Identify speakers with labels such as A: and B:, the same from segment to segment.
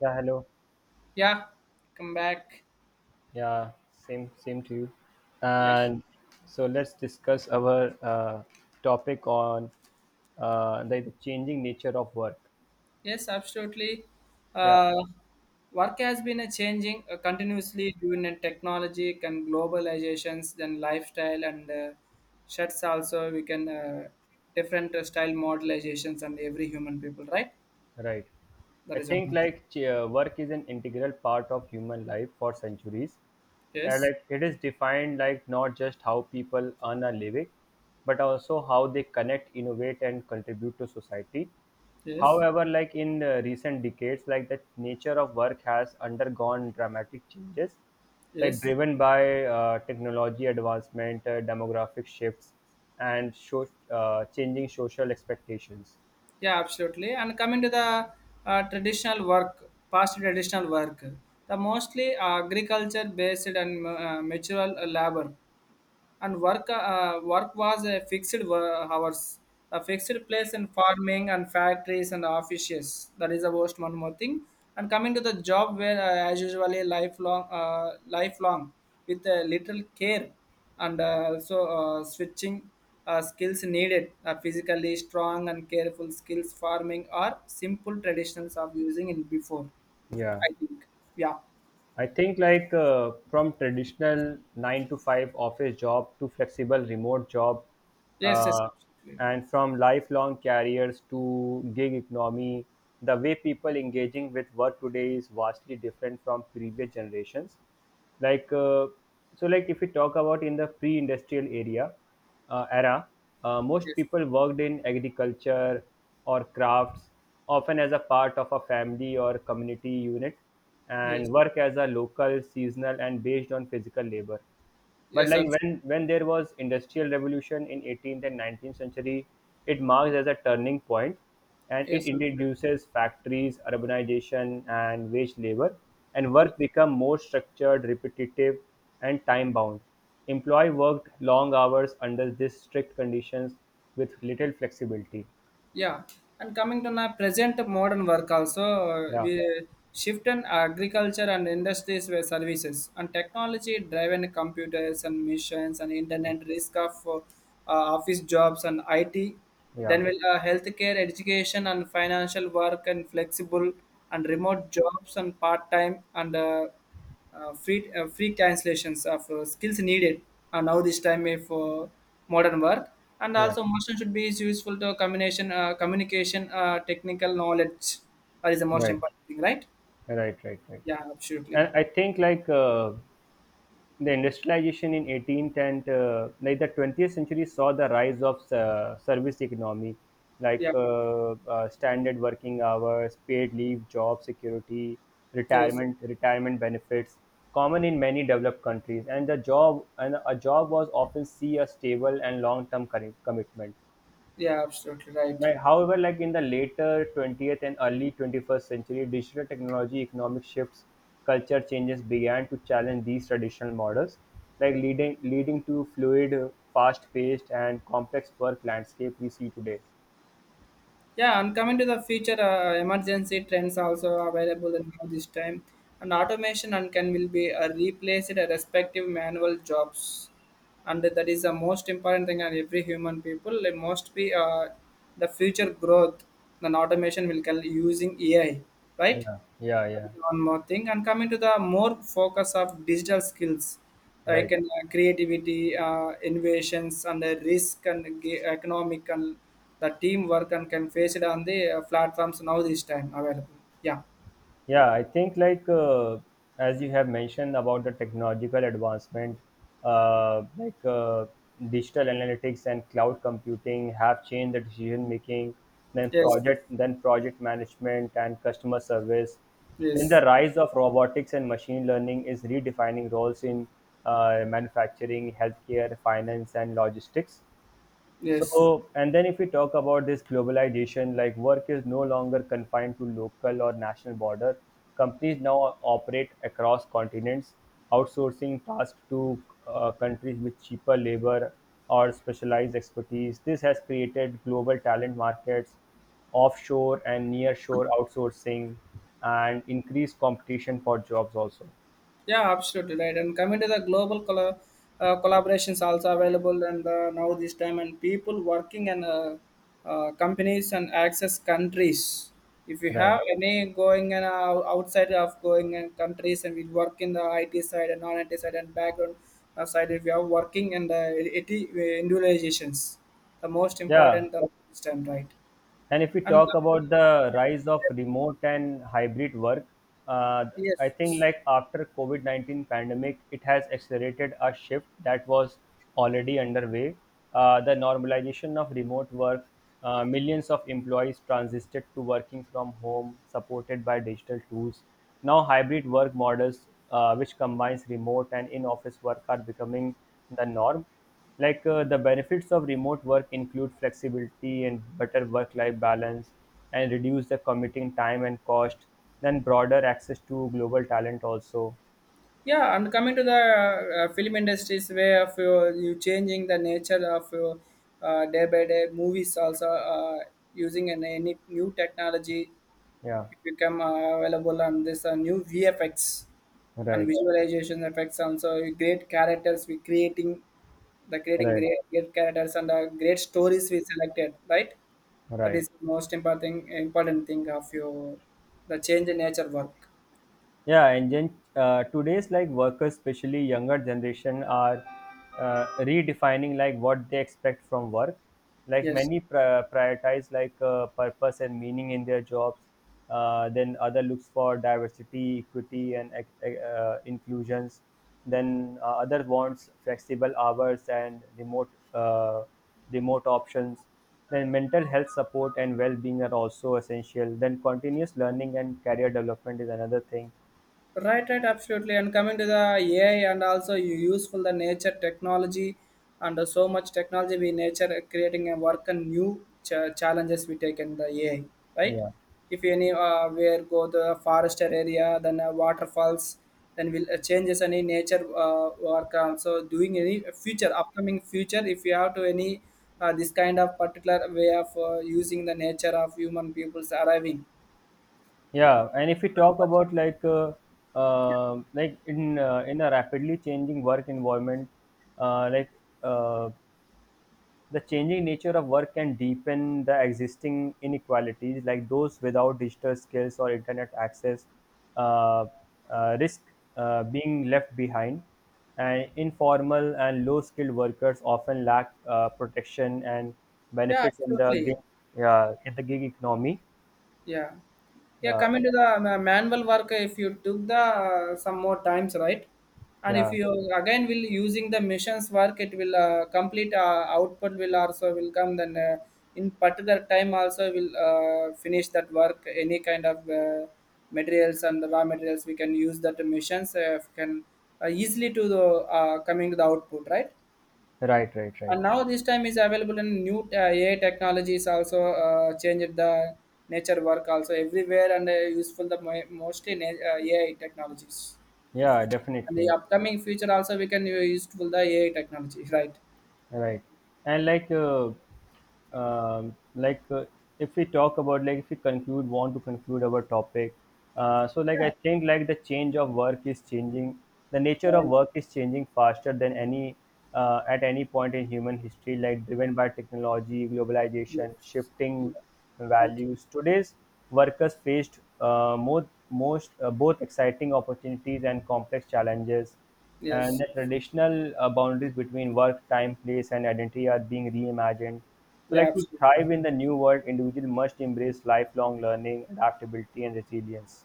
A: Yeah, hello.
B: Yeah, come back.
A: Yeah, same to you.
B: Yeah,
A: And so let's discuss our topic on the changing nature of work.
B: yes, absolutely.
A: Yeah.
B: Uh, Work has been a changing continuously due to technology and globalizations, then lifestyle and shirts also. We can different style modelizations and every human people, right?
A: Right.
B: That
A: I
B: is one
A: think
B: more thing.
A: like work is an integral part of human life for centuries. And
B: Yes,
A: like it is defined like not just how people earn a living, but also how they connect, innovate, and contribute to society.
B: yes,
A: However, like in recent decades, like the nature of work has undergone dramatic changes, like
B: yes.
A: driven by technology advancement, demographic shifts, and show, changing social expectations.
B: Yeah, absolutely. And coming to the traditional work, past traditional work, the mostly agriculture based and mature labor and work was a fixed hours, a fixed place in farming and factories and offices. That is the worst one more thing. And coming to the job where as usually lifelong with little care and also switching, skills needed, physically strong and careful skills, farming are simple traditionals of using in before.
A: Yeah.
B: I think. Yeah,
A: I think like from traditional nine to five office job to flexible remote job,
B: yes,
A: uh,
B: absolutely.
A: and from lifelong careers to gig economy, the way people engaging with work today is vastly different from previous generations. Like so, like if we talk about in the pre-industrial area, era, most
B: Yes,
A: people worked in agriculture or crafts, often as a part of a family or community unit,
B: yes,
A: and work as a local, seasonal, and based on physical labor. But
B: yes,
A: like when there was industrial revolution in 18th and 19th century, it marks as a turning point, and
B: yes,
A: it
B: absolutely.
A: introduces factories urbanization and wage labor, and
B: Yes.
A: work become more structured repetitive and time bound. Employee worked long hours under these strict conditions with little flexibility.
B: Yeah, and coming to now present modern work also,
A: Yeah,
B: we shift in agriculture and industries, where services and technology driven, computers and machines and internet risk of office jobs and IT.
A: yeah,
B: Then will healthcare, education and financial work, and flexible and remote jobs, and part time and free, free translations of skills needed are now this time if for modern work. And
A: yeah.
B: also motion should be useful to combination, communication, technical knowledge. That is the most
A: Right,
B: important thing, right?
A: right, right, right.
B: Yeah, absolutely.
A: And I think like the industrialization in 18th and like the 20th century saw the rise of service economy, like
B: Yeah,
A: standard working hours paid leave job security
B: yes.
A: retirement benefits common in many developed countries, and the job and a job was often see a stable and long term commitment.
B: Yeah, absolutely right.
A: Right. However, like in the later 20th and early 21st century, digital technology, economic shifts, culture changes began to challenge these traditional models, like leading to fluid, fast-paced, and complex work landscape we see today.
B: Yeah, and coming to the future, emergency trends also available in now this time, and automation and can will be replaced, respective manual jobs, and that is the most important thing. And every human people, it must be the future growth. Then automation will can using AI, right?
A: Yeah, yeah, yeah.
B: One more thing, and coming to the more focus of digital skills like
A: Right.
B: in, creativity, innovations and the risk and economic and the teamwork and can face it on the platforms now this time available. Yeah,
A: Yeah, I think like as you have mentioned about the technological advancement, uh, like uh, digital analytics and cloud computing have changed the decision making, then
B: yes, yes,
A: project, then project management and customer service. Then
B: yes,
A: the rise of robotics and machine learning is redefining roles in manufacturing, healthcare, finance, and logistics.
B: yes.
A: So, and then if we talk about this globalization, like work is no longer confined to local or national border. Companies now operate across continents, outsourcing tasks to countries with cheaper labor or specialized expertise. This has created global talent markets, offshore and nearshore outsourcing, and increased competition for jobs also.
B: Yeah, absolutely right. And coming to the global color, collaborations also available, and now this time, and people working and companies and access countries. If you
A: Right.
B: have any going and outside of going and countries, and we work in the IT side and non-IT side and background side, if you are working and IT, individualizations, the most
A: Yeah.
B: important this time, right?
A: And if we
B: And
A: talk about the rise of
B: uh,
A: remote and hybrid work, uh, I think
B: yes.
A: like after COVID 19 pandemic, it has accelerated a shift that was already underway. The normalization of remote work, millions of employees transited to working from home, supported by digital tools. Now, hybrid work models, which combines remote and in-office work, are becoming the norm, like the benefits of remote work include flexibility and better work-life balance, and reduce the commuting time and cost. Then broader access to global talent also.
B: Yeah, and coming to the film industry's way of your, you changing the nature of your, day by day, movies also using any new technology
A: Yeah,
B: become available, and this new VFX and
A: right,
B: visualization effects also, great characters we creating, the creating
A: right,
B: great, great characters and great stories we selected, right? That
A: right.
B: is the most important thing of your the change in nature work.
A: Yeah, and then today's like workers, especially younger generation, are redefining like what they expect from work. Like
B: Yes.
A: many prioritize like purpose and meaning in their jobs. Then other looks for diversity, equity, and inclusions. Then other wants flexible hours and remote options. Then mental health support and well-being are also essential. Then continuous learning and career development is another thing.
B: Right, right, absolutely. And coming to the AI, and also you useful the nature technology and so much technology we nature creating a work, and new challenges we take in the AI, right?
A: Yeah,
B: If any where go the forester area, then waterfalls, then will changes any nature work also doing any future upcoming future, if you have to any this kind of particular way of using the nature of human peoples arriving.
A: yeah, and if we talk about like in a rapidly changing work environment, uh, like uh, the changing nature of work can deepen the existing inequalities, like those without digital skills or internet access, uh, risk being left behind, and informal and low-skilled workers often lack protection and
B: Yeah,
A: benefits in the
B: absolutely.
A: gig, yeah, in the gig economy.
B: Yeah. Yeah,
A: Yeah,
B: coming to the manual work, if you took the some more times, right? And if
A: yeah.
B: you again will using the missions work, it will complete output will also will come. Then in particular time also will finish that work. Any kind of materials and raw materials we can use, that missions can easily to the coming to the output, right?
A: Right, right, right.
B: And now this time is available in new AI technologies, also changed the nature work also everywhere, and useful the mostly AI technologies.
A: Yeah,
B: And the
A: definitely.
B: upcoming future also we can useful the AI technology right.
A: Right. And like, um, like uh, if we talk about like if we conclude want to conclude our topic, so like
B: Yeah,
A: I think like the change of work is changing. The nature of
B: right.
A: work is changing faster than any at any point in human history, like driven by technology, globalization,
B: Yes. Yeah.
A: shifting
B: Okay.
A: values. Today's workers faced more, most both exciting opportunities and complex challenges. And
B: Yes.
A: the traditional boundaries between work, time, place, and identity are being reimagined. So,
B: Yeah,
A: like to thrive
B: absolutely
A: in the new world, individual must embrace lifelong learning, adaptability, and resilience.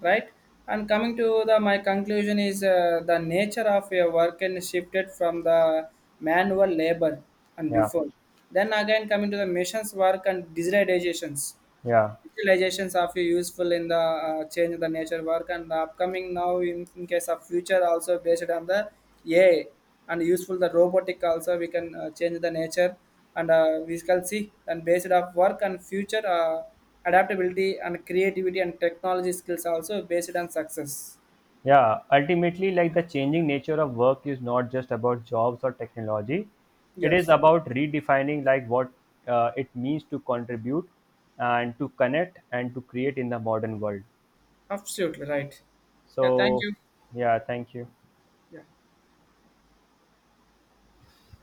B: right. And coming to the, my conclusion is the nature of your work, and shifted from the manual labor and
A: Yeah,
B: before, then again coming to the machines work and digitalizations.
A: yeah,
B: Visualizations are useful in the change of the nature work. And the upcoming now, in case of future also, based on the AI, and useful the robotic also, we can change the nature. And we shall see, and based of work and future, adaptability and creativity and technology skills also based on success.
A: yeah. Ultimately, like the changing nature of work is not just about jobs or technology. It is
B: Yes,
A: about redefining like what it means to contribute and to connect and to create in the modern world.
B: absolutely right. Yeah, thank
A: So,
B: you.
A: yeah, thank you.
B: Yeah.